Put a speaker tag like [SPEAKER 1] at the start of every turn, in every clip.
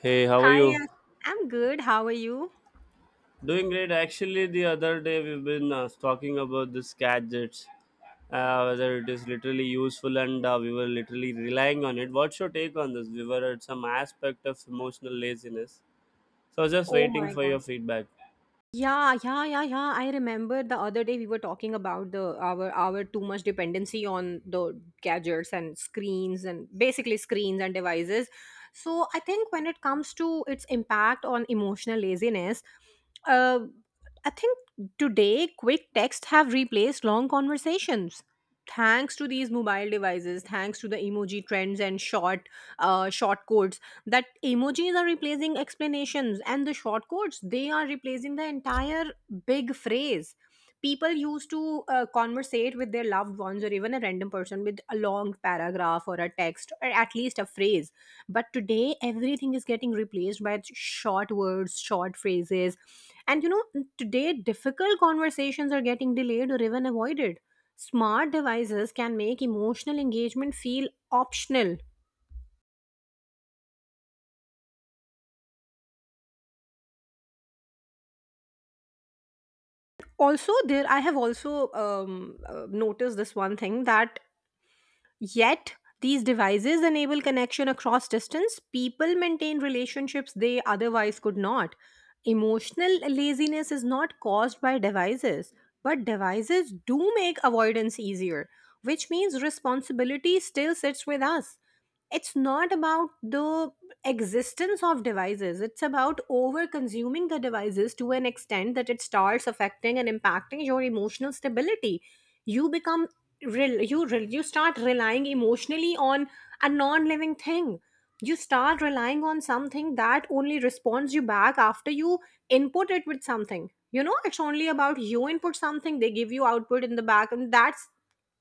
[SPEAKER 1] Hey, how are
[SPEAKER 2] Hi,
[SPEAKER 1] you?
[SPEAKER 2] I'm good. How are you?
[SPEAKER 1] Doing great. Actually, the other day we've been talking about this gadgets, whether it is literally useful and we were literally relying on it. What's your take on this? We were at some aspect of emotional laziness. So I was just
[SPEAKER 2] Oh
[SPEAKER 1] waiting
[SPEAKER 2] my
[SPEAKER 1] for your
[SPEAKER 2] God.
[SPEAKER 1] feedback.
[SPEAKER 2] Yeah, yeah, yeah, yeah. I remember the other day we were talking about the our too much dependency on the gadgets and screens, and basically screens and devices. So I think when it comes to its impact on emotional laziness, uh, I think today quick texts have replaced long conversations. Thanks to these mobile devices, thanks to the emoji trends and short codes, that emojis are replacing explanations, and the short codes, they are replacing the entire big phrase. People used to conversate with their loved ones or even a random person with a long paragraph or a text or at least a phrase, but today everything is getting replaced by short words, short phrases. And you know, today difficult conversations are getting delayed or even avoided. Smart devices can make emotional engagement feel optional. Also, there I have also noticed this one thing that... Yet, these devices enable connection across distance. People maintain relationships they otherwise could not. Emotional laziness is not caused by devices, but devices do make avoidance easier, which means responsibility still sits with us. It's not about the existence of devices, it's about over consuming the devices to an extent that it starts affecting and impacting your emotional stability. You become you start relying emotionally on a non-living thing. You start relying on something that only responds you back after you input it with something. You know, it's only about you input something, they give you output in the back, and that's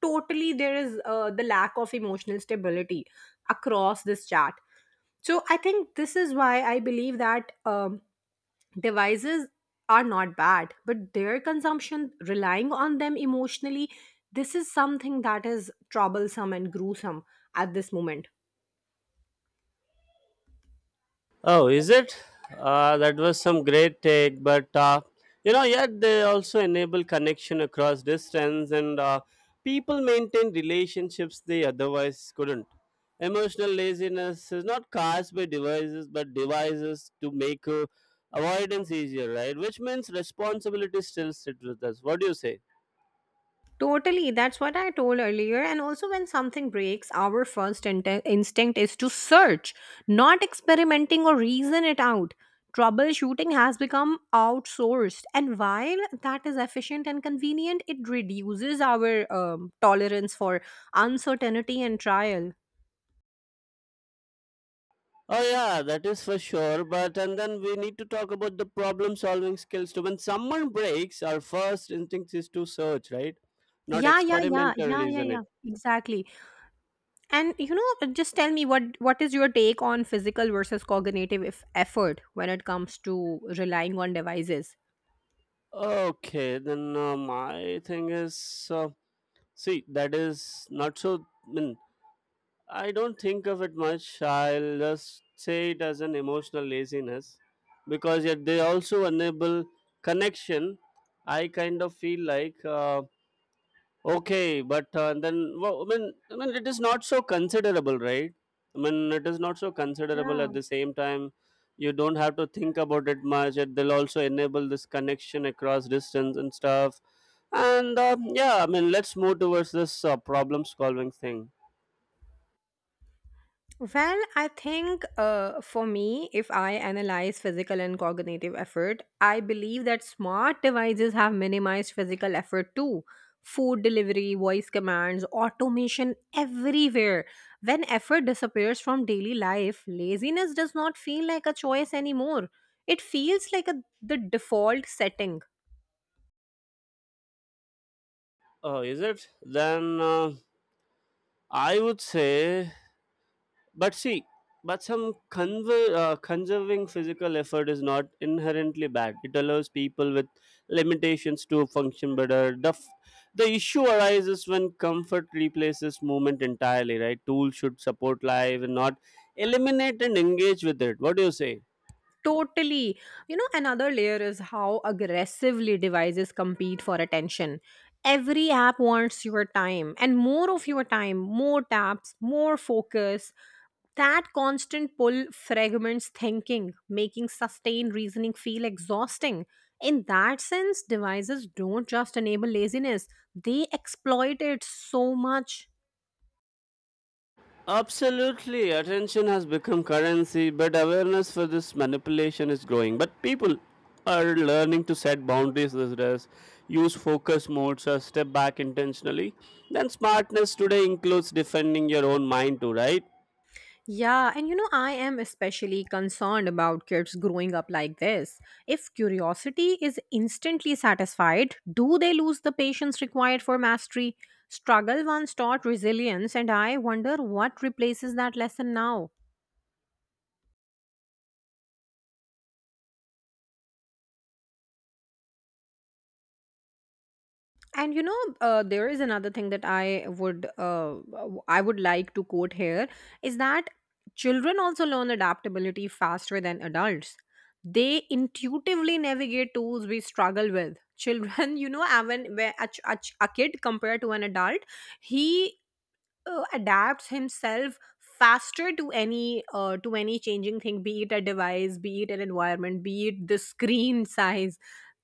[SPEAKER 2] totally... there is the lack of emotional stability across this chat. So I think this is why I believe that devices are not bad, but their consumption, relying on them emotionally, this is something that is troublesome and gruesome at this moment.
[SPEAKER 1] Oh, is it? That was some great take, but you know, yet they also enable connection across distance, and people maintain relationships they otherwise couldn't. Emotional laziness is not caused by devices, but devices to make avoidance easier, right? Which means responsibility still sits with us. What do you say?
[SPEAKER 2] Totally, that's what I told earlier. And also, when something breaks, our instinct is to search, not experimenting or reason it out. Troubleshooting has become outsourced, and while that is efficient and convenient, it reduces our tolerance for uncertainty and trial.
[SPEAKER 1] Oh yeah, that is for sure. But and then we need to talk about the problem solving skills too. When someone breaks, our first instinct is to search, right? Not
[SPEAKER 2] Yeah, yeah, yeah,
[SPEAKER 1] experimental,
[SPEAKER 2] yeah, yeah,
[SPEAKER 1] isn't
[SPEAKER 2] yeah.
[SPEAKER 1] it?
[SPEAKER 2] Exactly. And you know, just tell me what is your take on physical versus cognitive if effort when it comes to relying on devices?
[SPEAKER 1] Okay, then my thing is, see, that is not so. I mean, I don't think of it much. I'll just say it as an emotional laziness because yet they also enable connection. I kind of feel like okay, but then well, I mean, it is not so considerable, right? I mean, it is not so considerable. At
[SPEAKER 2] Yeah.
[SPEAKER 1] the same time, you don't have to think about it much. It will also enable this connection across distance and stuff. And yeah, I mean, let's move towards this problem solving thing.
[SPEAKER 2] Well, I think for me, if I analyze physical and cognitive effort, I believe that smart devices have minimized physical effort too. Food delivery, voice commands, automation everywhere. When effort disappears from daily life, laziness does not feel like a choice anymore. It feels like the default setting.
[SPEAKER 1] Oh, is it? Then I would say but see, but conserving physical effort is not inherently bad. It allows people with limitations to function better. The issue arises when comfort replaces movement entirely, right? Tools should support life and not eliminate and engage with it. What do you say?
[SPEAKER 2] Totally. You know, another layer is how aggressively devices compete for attention. Every app wants your time, and more of your time, more taps, more focus. That constant pull fragments thinking, making sustained reasoning feel exhausting. In that sense, devices don't just enable laziness, they exploit it so much.
[SPEAKER 1] Absolutely, attention has become currency, but awareness for this manipulation is growing. But people are learning to set boundaries these days, use focus modes, or step back intentionally. Then, smartness today includes defending your own mind, too, right?
[SPEAKER 2] Yeah, and you know, I am especially concerned about kids growing up like this. If curiosity is instantly satisfied, do they lose the patience required for mastery? Struggle once taught resilience, and I wonder what replaces that lesson now. And you know, there is another thing that I I would like to quote here, is that children also learn adaptability faster than adults. They intuitively navigate tools we struggle with, children you know, when where a kid compared to an adult, he adapts himself faster to any changing thing, be it a device, be it an environment, be it the screen size.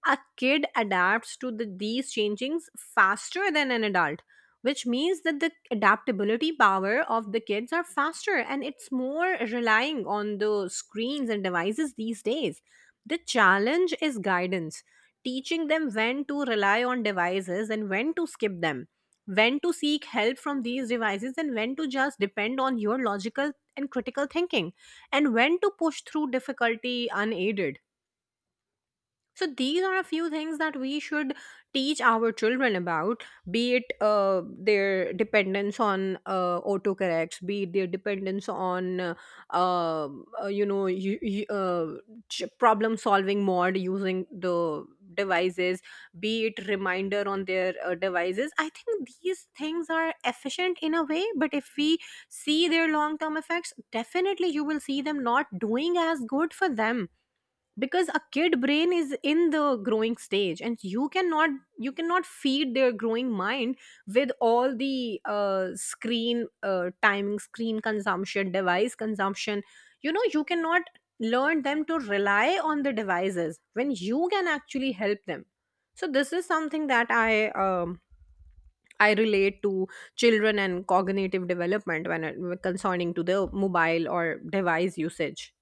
[SPEAKER 2] A kid adapts to these changings faster than an adult, which means that the adaptability power of the kids are faster and it's more relying on the screens and devices these days. The challenge is guidance, teaching them when to rely on devices and when to skip them, when to seek help from these devices and when to just depend on your logical and critical thinking, and when to push through difficulty unaided. So these are a few things that we should teach our children about. Be it their dependence on autocorrects, be it their dependence on you know you, you, ch- problem solving mode using the devices, be it reminder on their devices. I think these things are efficient in a way, but if we see their long term effects, definitely you will see them not doing as good for them, because a kid brain is in the growing stage, and you cannot... you cannot feed their growing mind with all the screen timing, screen consumption, device consumption. You know, you cannot learn them to rely on the devices when you can actually help them. So this is something that I I relate to children and cognitive development when it, concerning to the mobile or device usage.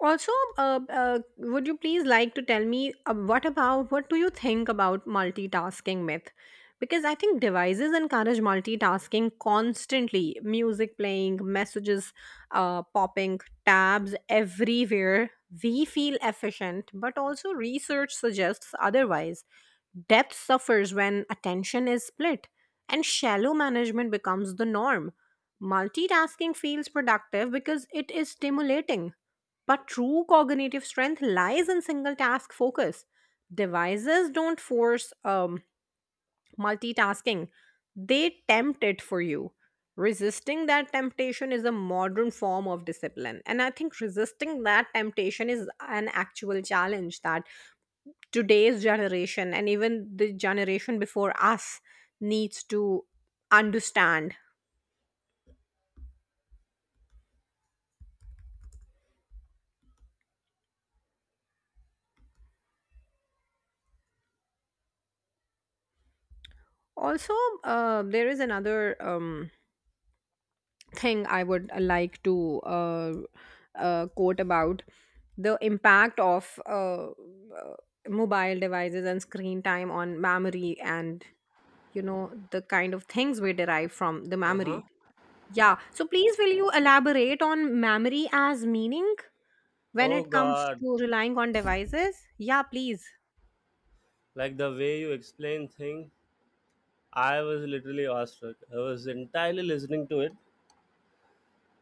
[SPEAKER 2] Also, would you please like to tell me what do you think about multitasking myth? Because I think devices encourage multitasking constantly. Music playing, messages popping, tabs everywhere. We feel efficient, but also research suggests otherwise. Depth suffers when attention is split, and shallow management becomes the norm. Multitasking feels productive because it is stimulating, but true cognitive strength lies in single task focus. Devices don't force multitasking, they tempt it for you. Resisting that temptation is a modern form of discipline. And I think resisting that temptation is an actual challenge that today's generation and even the generation before us needs to understand. Also, there is another. Thing I would like to quote about the impact of mobile devices and screen time on memory, and you know, the kind of things we derive from the memory. Yeah. So please, will you elaborate on memory as meaning when
[SPEAKER 1] Oh
[SPEAKER 2] it comes
[SPEAKER 1] God,
[SPEAKER 2] to relying on devices? Yeah, please.
[SPEAKER 1] like the way you explain thing, I was literally awestruck. I was entirely listening to it.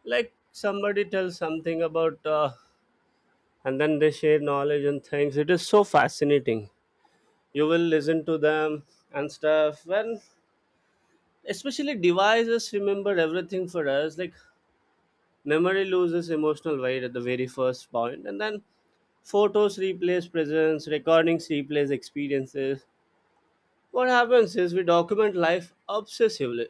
[SPEAKER 1] Like somebody tells something about, and then they share knowledge and things. It is so fascinating. You will listen to them and stuff, and especially devices remember everything for us. Like, memory loses emotional weight at the very first point, and then photos replace presence, recordings replace experiences. What happens is we document life obsessively,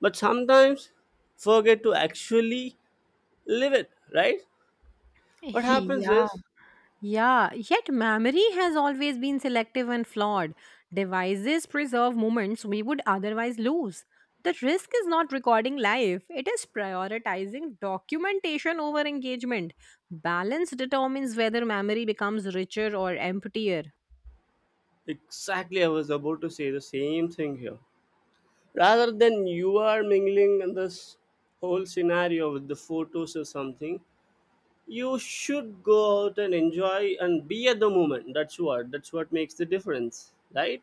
[SPEAKER 1] but sometimes forget to actually live it, right? What happens
[SPEAKER 2] Yeah.
[SPEAKER 1] is
[SPEAKER 2] Yeah, yet memory has always been selective and flawed. Devices preserve moments we would otherwise lose. The risk is not recording life, it is prioritizing documentation over engagement. Balance determines whether memory becomes richer or emptier.
[SPEAKER 1] exactly I was about to say the same thing here. Rather than you are mingling in this whole scenario with the photos or something, you should go out and enjoy and be at the moment. That's what makes the difference, right?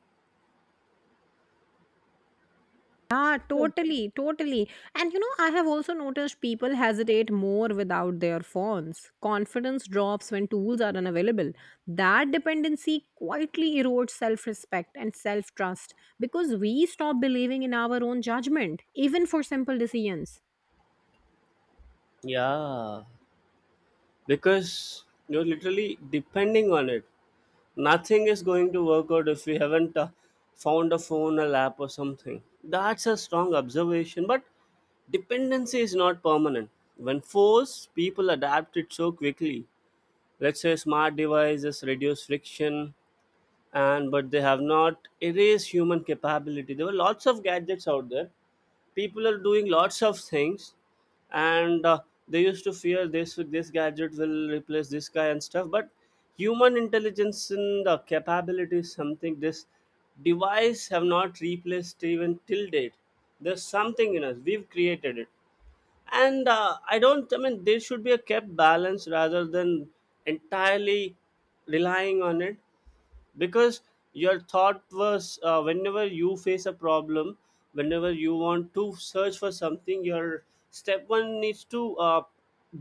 [SPEAKER 2] Yeah, totally, totally. And you know, I have also noticed people hesitate more without their phones. Confidence drops when tools are unavailable. That dependency quietly erodes self respect and self trust, because we stop believing in our own judgment, even for simple decisions.
[SPEAKER 1] Yeah, because you're literally depending on it. Nothing is going to work out if we haven't found a phone, a lap or something. That's a strong observation, but dependency is not permanent. When forced, people adapt it so quickly. Let's say smart devices reduce friction, and but they have not erased human capability. There were lots of gadgets out there, people are doing lots of things, and they used to fear this gadget will replace this guy and stuff, but human intelligence and the capability is something this device have not replaced even till date. There's something in us, we've created it. And I don't, I mean, there should be a kept balance rather than entirely relying on it. Because your thought was, whenever you face a problem, whenever you want to search for something, your step one needs to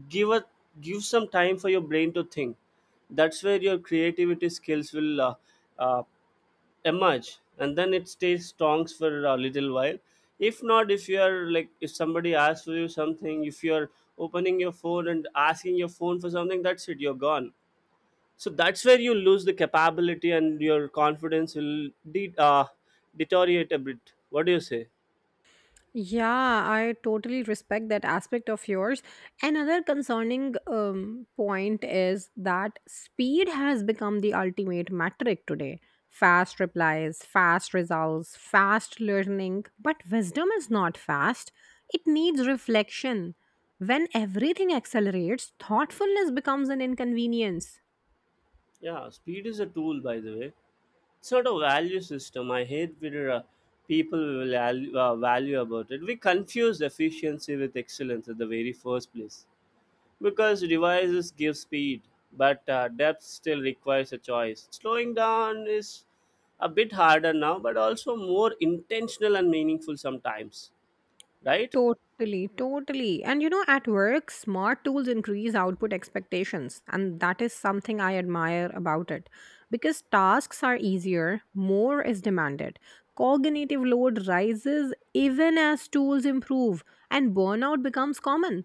[SPEAKER 1] give a give some time for your brain to think. That's where your creativity skills will uh, emerge, and then it stays strong for a little while. If not, if you are like, if somebody asks for you something, if you're opening your phone and asking your phone for something, that's it, you're gone. So that's where you lose the capability, and your confidence will deteriorate a bit. What do you say?
[SPEAKER 2] Yeah, I totally respect that aspect of yours. Another concerning point is that speed has become the ultimate metric today. Fast replies, fast results, fast learning. But wisdom is not fast, it needs reflection. When everything accelerates, thoughtfulness becomes an inconvenience.
[SPEAKER 1] Yeah, speed is a tool, by the way. It's not a value system. I hate where people will value about it. We confuse efficiency with excellence at the very first place. Because devices give speed, but depth still requires a choice. Slowing down is a bit harder now, but also more intentional and meaningful sometimes, right?
[SPEAKER 2] Totally, totally. And you know, at work, smart tools increase output expectations. And that is something I admire about it. Because tasks are easier, more is demanded. Cognitive load rises even as tools improve, and burnout becomes common.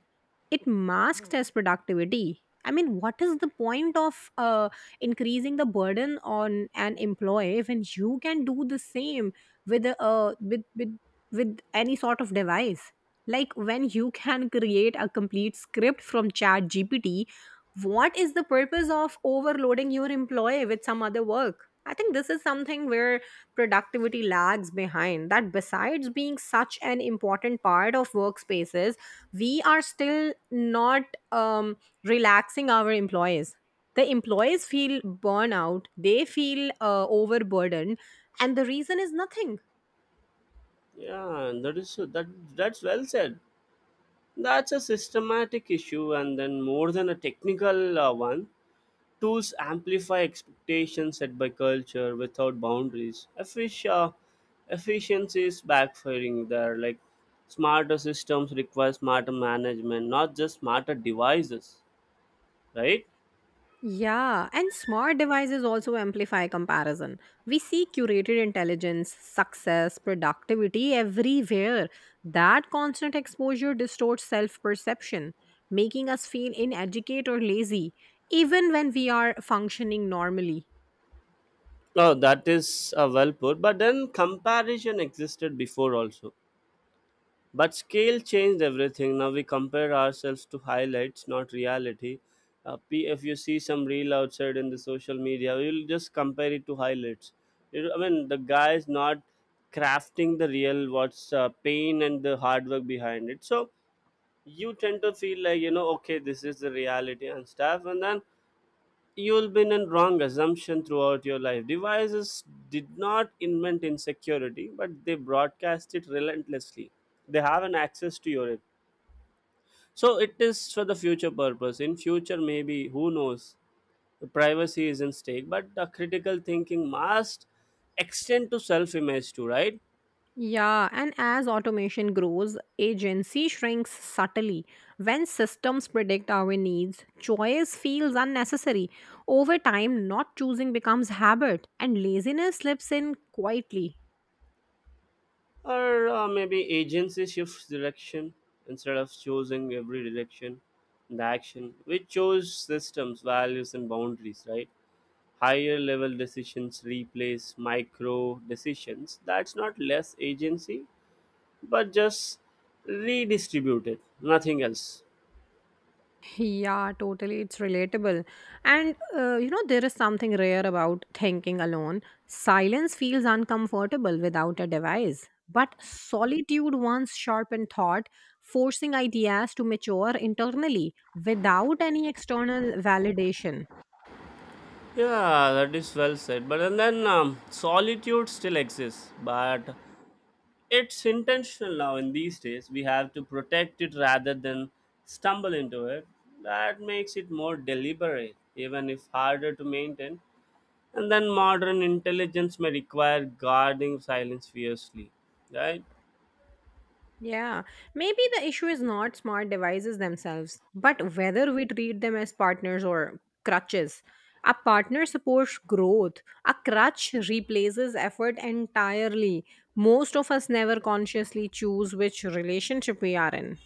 [SPEAKER 2] It masks as productivity. I mean, what is the point of increasing the burden on an employee when you can do the same with a with any sort of device? Like when you can create a complete script from ChatGPT, what is the purpose of overloading your employee with some other work? I think this is something where productivity lags behind that, besides being such an important part of workspaces. We are still not um, relaxing our employees. The employees feel burnout, they feel overburdened, and the reason is nothing.
[SPEAKER 1] Yeah, and that is that. That's well said. That's a systematic issue, and then more than a technical one. Tools amplify expectations set by culture without boundaries. Efficiency is backfiring there. Like, smarter systems require smarter management, not just smarter devices, right?
[SPEAKER 2] Yeah, and smart devices also amplify comparison. We see curated intelligence, success, productivity everywhere. That constant exposure distorts self perception, making us feel inadequate or lazy, even when we are functioning normally.
[SPEAKER 1] Oh, that is well put. But then comparison existed before also, but scale changed everything. Now we compare ourselves to highlights, not reality. If you see some reel outside in the social media, we'll just compare it to highlights. You know, I mean, the guy is not crafting the real what's pain and the hard work behind it. So you tend to feel like, you know, okay, this is the reality and stuff, and then you'll been in wrong assumption throughout your life. Devices did not invent insecurity, but they broadcast it relentlessly. They have an access to your it. So it is for the future purpose. In future, maybe, who knows, the privacy is in stake, but the critical thinking must extend to self image too, right?
[SPEAKER 2] Yeah, and as automation grows, agency shrinks subtly. When systems predict our needs, choice feels unnecessary. Over time, not choosing becomes habit, and laziness slips in quietly.
[SPEAKER 1] Or maybe agency shifts direction. Instead of choosing every direction and action, we chose systems, values and boundaries, right? Higher level decisions replace micro decisions. That's not less agency, but just redistributed, nothing else.
[SPEAKER 2] Yeah, totally. It's relatable. And, you know, there is something rare about thinking alone. Silence feels uncomfortable without a device. But solitude once sharpened thought, forcing ideas to mature internally without any external validation.
[SPEAKER 1] Yeah, that is well said. But and then solitude still exists, but it's intentional now. In these days, we have to protect it rather than stumble into it. That makes it more deliberate, even if harder to maintain. And then modern intelligence may require guarding silence fiercely, right?
[SPEAKER 2] Yeah, maybe the issue is not smart devices themselves, but whether we treat them as partners or crutches. A partner supports growth, a crutch replaces effort entirely. Most of us never consciously choose which relationship we are in.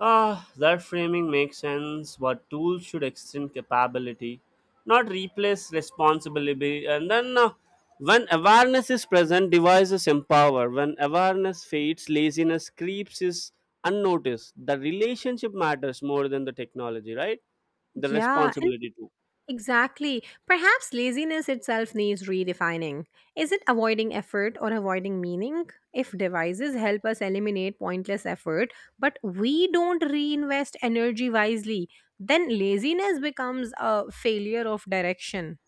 [SPEAKER 1] Ah, that framing makes sense. What tools should extend capability, not replace responsibility. And then, when awareness is present, devices empower. When awareness fades, laziness creeps is unnoticed. The relationship matters more than the technology, right? The
[SPEAKER 2] Yeah, and...
[SPEAKER 1] responsibility too.
[SPEAKER 2] Exactly. Perhaps laziness itself needs redefining. Is it avoiding effort or avoiding meaning? If devices help us eliminate pointless effort, but we don't reinvest energy wisely, then laziness becomes a failure of direction.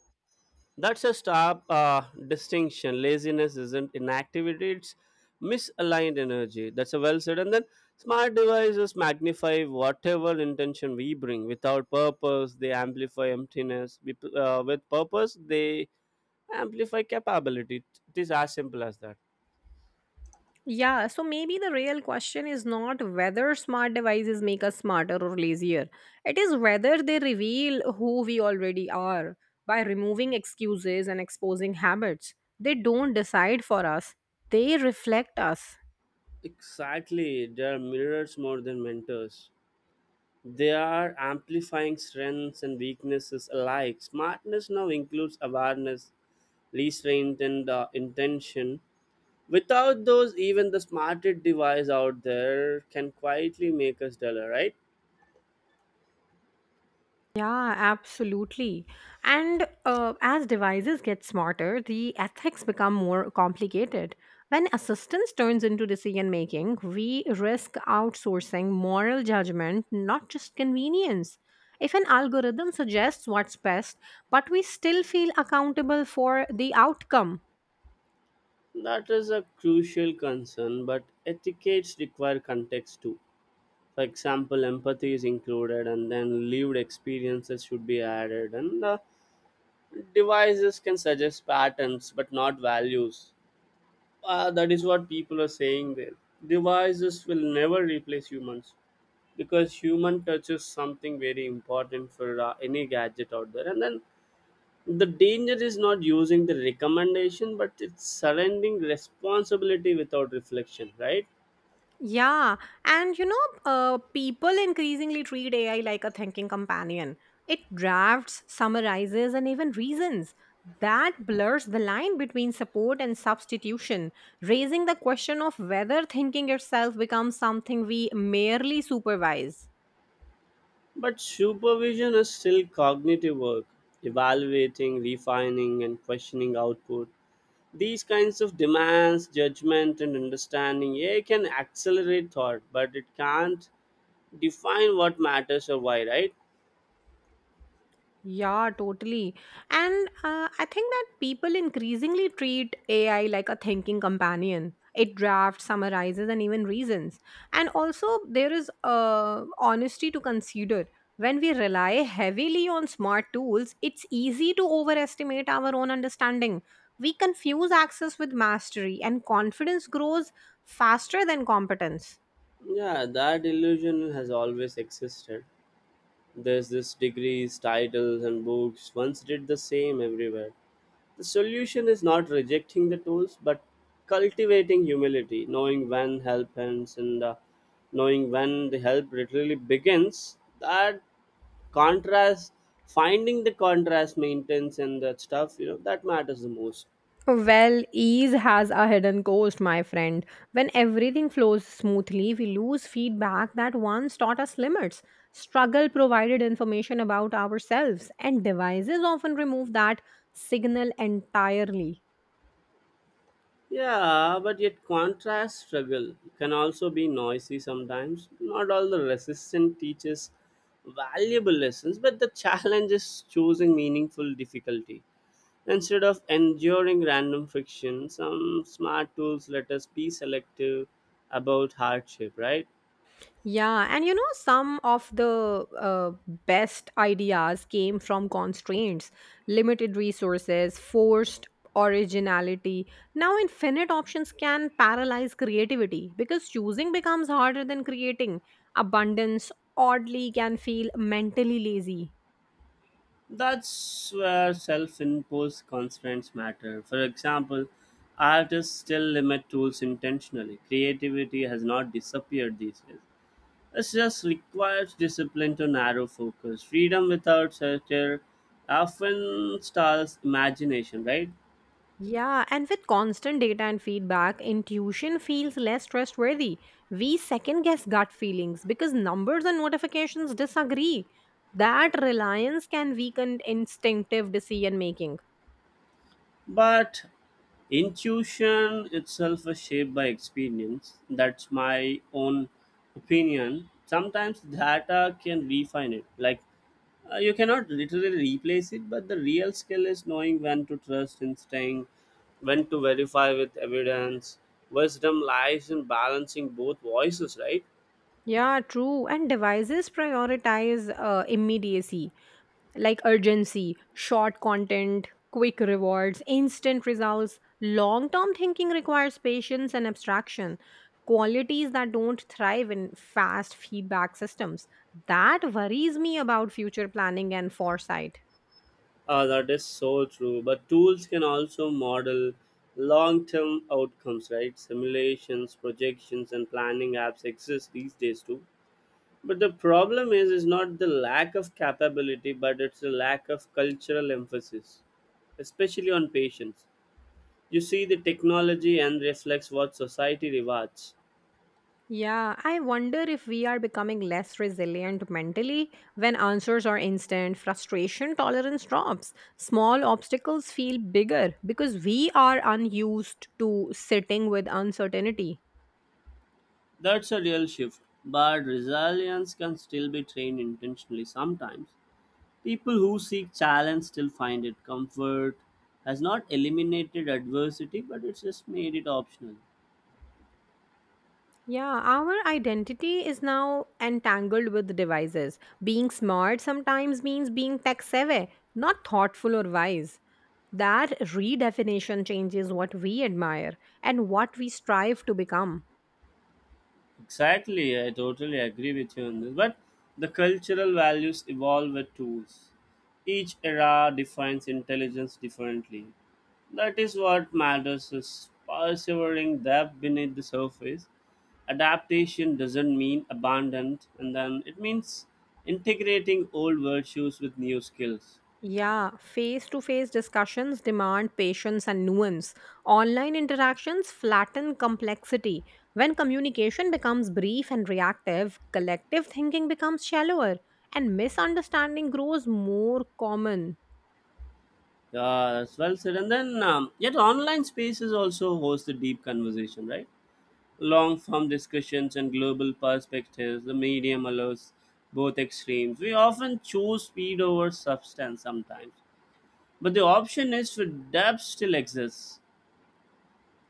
[SPEAKER 1] That's a stark distinction. Laziness isn't inactivity, it's misaligned energy. That's a well said. And then smart devices magnify whatever intention we bring. Without purpose, they amplify emptiness. With, with purpose, they amplify capability. It is as simple as that.
[SPEAKER 2] Yeah, so maybe the real question is not whether smart devices make us smarter or lazier. It is whether they reveal who we already are by removing excuses and exposing habits. They don't decide for us, they reflect us.
[SPEAKER 1] Exactly. They are mirrors more than mentors. They are amplifying strengths and weaknesses alike. Smartness now includes awareness, restraint, and intention. Without those, even the smartest device out there can quietly make us duller, right?
[SPEAKER 2] Yeah, absolutely. And as devices get smarter, the ethics become more complicated. When assistance turns into decision making, we risk outsourcing moral judgment, not just convenience. If an algorithm suggests what's best, but we still feel accountable for the outcome.
[SPEAKER 1] That is a crucial concern, but etiquettes require context too. For example, empathy is included, and then lived experiences should be added, and devices can suggest patterns but not values. That is what people are saying there. Devices will never replace humans, because human touch is something very important for any gadget out there. And then the danger is not using the recommendation, but it's surrendering responsibility without reflection, right?
[SPEAKER 2] Yeah, people increasingly treat AI like a thinking companion. It drafts, summarizes, and even reasons. That blurs the line between support and substitution, raising the question of whether thinking itself becomes something we merely supervise.
[SPEAKER 1] But supervision is still cognitive work. Evaluating, refining and questioning output, these kinds of demands judgment and understanding. Yeah, it can accelerate thought, but it can't define what matters or why, right?
[SPEAKER 2] Yeah, totally. And I think that people increasingly treat AI like a thinking companion. It drafts, summarizes, and even reasons. And also, there is honesty to consider. When we rely heavily on smart tools, it's easy to overestimate our own understanding. We confuse access with mastery, and confidence grows faster than competence.
[SPEAKER 1] Yeah, that illusion has always existed. There's this degrees, titles, and books once did the same everywhere. The solution is not rejecting the tools, but cultivating humility, knowing when help ends and knowing when the help literally begins. That contrast, finding the contrast, maintenance, and that stuff, you know, that matters the most.
[SPEAKER 2] Well, ease has a hidden cost, my friend. When everything flows smoothly, we lose feedback that once taught us limits. Struggle provided information about ourselves, and devices often remove that signal entirely.
[SPEAKER 1] Yeah, but yet contrast struggle can also be noisy sometimes. Not all the resistance teaches valuable lessons, but the challenge is choosing meaningful difficulty. Instead of enduring random friction, some smart tools let us be selective about hardship, right?
[SPEAKER 2] Yeah, some of the best ideas came from constraints, limited resources, forced originality. Now, infinite options can paralyze creativity because choosing becomes harder than creating. Abundance oddly can feel mentally lazy.
[SPEAKER 1] That's where self imposed constraints matter. For example, artists still limit tools intentionally. Creativity has not disappeared these days, it just requires discipline to narrow focus. Freedom without structure often stalls imagination, right?
[SPEAKER 2] Yeah, and with constant data and feedback, intuition feels less trustworthy. We second guess gut feelings because numbers and notifications disagree. That reliance can weaken instinctive decision making.
[SPEAKER 1] But intuition itself is shaped by experience. That's my own opinion. Sometimes data can refine it. Like, you cannot literally replace it, but the real skill is knowing when to trust instinct, when to verify with evidence. Wisdom lies in balancing both voices, right?
[SPEAKER 2] Yeah, true. And devices prioritize immediacy, like urgency, short content, quick rewards, instant results. Long term thinking requires patience and abstraction, qualities that don't thrive in fast feedback systems. That worries me about future planning and foresight.
[SPEAKER 1] Ah, that is so true. But tools can also model long term outcomes, right? Simulations, projections, and planning apps exist these days too. But the problem is not the lack of capability, but it's the lack of cultural emphasis, especially on patients. You see the technology and reflects what society rewards.
[SPEAKER 2] Yeah, I wonder if we are becoming less resilient mentally. When answers are instant, frustration tolerance drops, small obstacles feel bigger because we are unused to sitting with uncertainty.
[SPEAKER 1] That's a real shift. But resilience can still be trained intentionally sometimes. People who seek challenge still find it. Comfort has not eliminated adversity, but it's just made it optional.
[SPEAKER 2] Yeah, our identity is now entangled with devices. Being smart sometimes means being tech savvy, not thoughtful or wise. That redefinition changes what we admire and what we strive to become.
[SPEAKER 1] Exactly, I totally agree with you on this. But the cultural values evolve with tools. Each era defines intelligence differently. That is what matters is persevering depth beneath the surface. Adaptation doesn't mean abandoned, and then it means integrating old virtues with new skills.
[SPEAKER 2] Yeah, face to face discussions demand patience and nuance. Online interactions flatten complexity. When communication becomes brief and reactive, collective thinking becomes shallower, and misunderstanding grows more common.
[SPEAKER 1] Yeah, that's well said. And then, yet online spaces also host the deep conversation, right? Long form discussions and global perspectives. The medium allows both extremes. We often choose speed over substance sometimes, but the option is for depth still exists.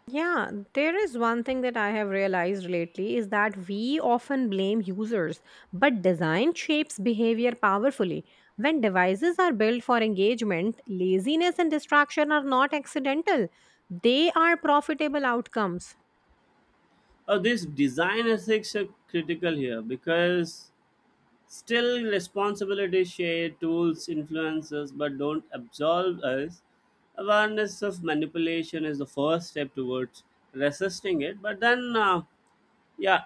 [SPEAKER 2] Yeah, there is one thing that I have realized lately is that we often blame users, but design shapes behavior powerfully. When devices are built for engagement, laziness and distraction are not accidental, they are profitable outcomes.
[SPEAKER 1] Oh, this design ethics are critical here, because still, responsibility share tools influences but don't absolve us. Awareness of manipulation is the first step towards resisting it. But then, yeah,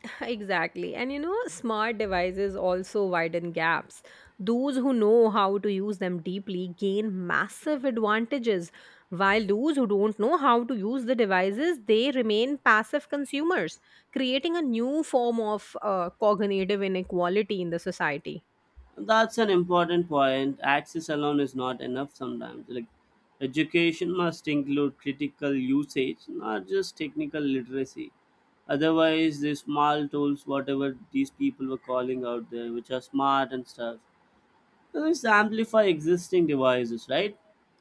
[SPEAKER 2] Exactly. Smart devices also widen gaps. Those who know how to use them deeply gain massive advantages, while those who don't know how to use the devices, they remain passive consumers, creating a new form of cognitive inequality in the society.
[SPEAKER 1] that's an important point. Access alone is not enough sometimes. Like, education must include critical usage, not just technical literacy. Otherwise, these small tools, whatever these people were calling out there, which are smart and stuff, these amplify existing devices, right?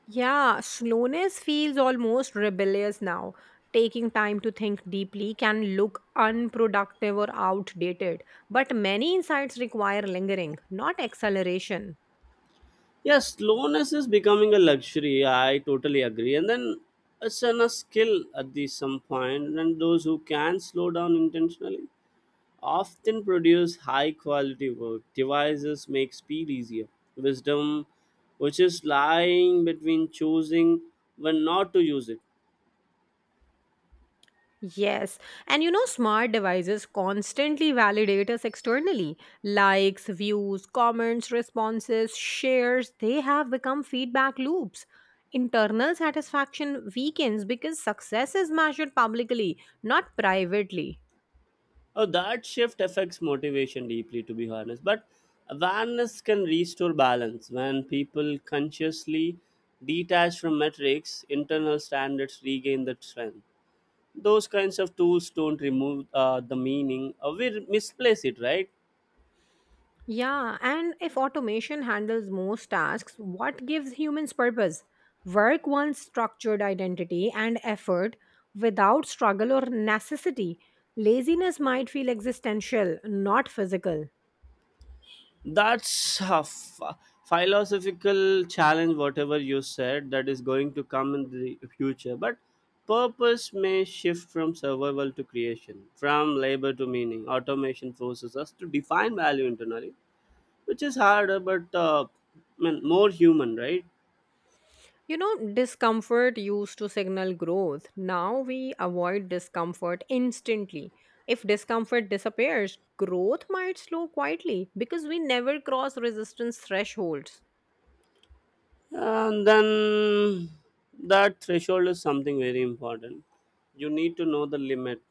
[SPEAKER 2] Yeah, slowness feels almost rebellious now. Taking time to think deeply can look unproductive or outdated, but many insights require lingering, not acceleration.
[SPEAKER 1] Yes, slowness is becoming a luxury. I totally agree. And then it's an, a skill at the some point. And those who can slow down intentionally often produce high quality work. Devices make speed easier. Wisdom, which is lying between choosing when not to use it.
[SPEAKER 2] Yes, smart devices constantly validate us externally. Likes, views, comments, responses, shares, they have become feedback loops. Internal satisfaction weakens because success is measured publicly, not privately.
[SPEAKER 1] Oh, that shift affects motivation deeply, to be honest. But awareness can restore balance. When people consciously detach from metrics, internal standards regain the strength. Those kinds of tools don't remove the meaning, or we misplace it, right?
[SPEAKER 2] Yeah, and if automation handles most tasks, what gives humans purpose? Work wants structured identity and effort without struggle or necessity. Laziness might feel existential, not physical.
[SPEAKER 1] That's a philosophical challenge, whatever you said, that is going to come in the future. But purpose may shift from survival to creation, from labor to meaning. Automation forces us to define value internally, which is harder but I mean, more human, right?
[SPEAKER 2] You know, discomfort used to signal growth. Now we avoid discomfort instantly. If discomfort disappears, growth might slow quietly because we never cross resistance thresholds.
[SPEAKER 1] And then that threshold is something very important. You need to know the limit.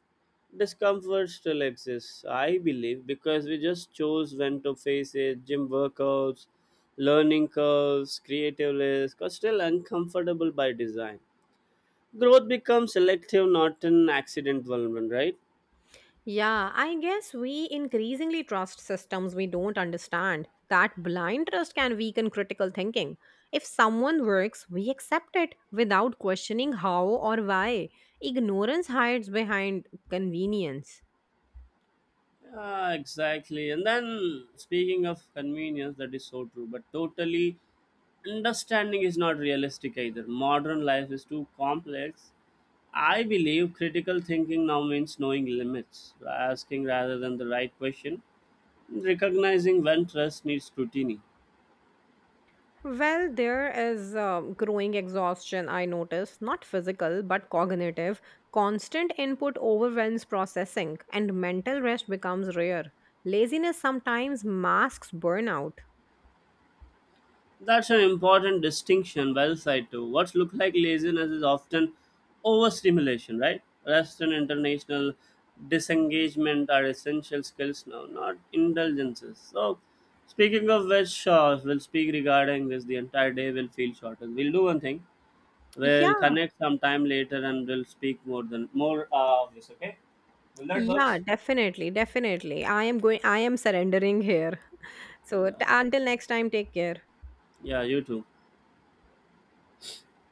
[SPEAKER 1] Discomfort still exists, I believe, because we just chose when to face it. Gym workouts, learning curves, creative risk are still uncomfortable by design. Growth becomes selective, not an accident, one, right?
[SPEAKER 2] Yeah, I guess we increasingly trust systems we don't understand. That blind trust can weaken critical thinking. If someone works, we accept it without questioning how or why. Ignorance hides behind convenience.
[SPEAKER 1] Ah, exactly. And then speaking of convenience, that is so true, but totally understanding is not realistic either. Modern life is too complex. I believe critical thinking now means knowing limits, asking rather than the right question, recognizing when trust needs scrutiny.
[SPEAKER 2] Well, there is growing exhaustion, I notice, not physical but cognitive. Constant input overwhelms processing, and mental rest becomes rare. Laziness sometimes masks burnout.
[SPEAKER 1] That's an important distinction. Well said too. What looks like laziness is often overstimulation, right? Rest and international disengagement are essential skills now, not indulgences. So, speaking of which, we'll speak regarding this. The entire day will feel shorter. We'll do one thing. We'll
[SPEAKER 2] Yeah.
[SPEAKER 1] connect sometime later and we'll speak more of this. Okay? Will that
[SPEAKER 2] Yeah,
[SPEAKER 1] works?
[SPEAKER 2] definitely, definitely. I am surrendering here. So
[SPEAKER 1] Yeah.
[SPEAKER 2] until next time, take care.
[SPEAKER 1] Yeah. You too.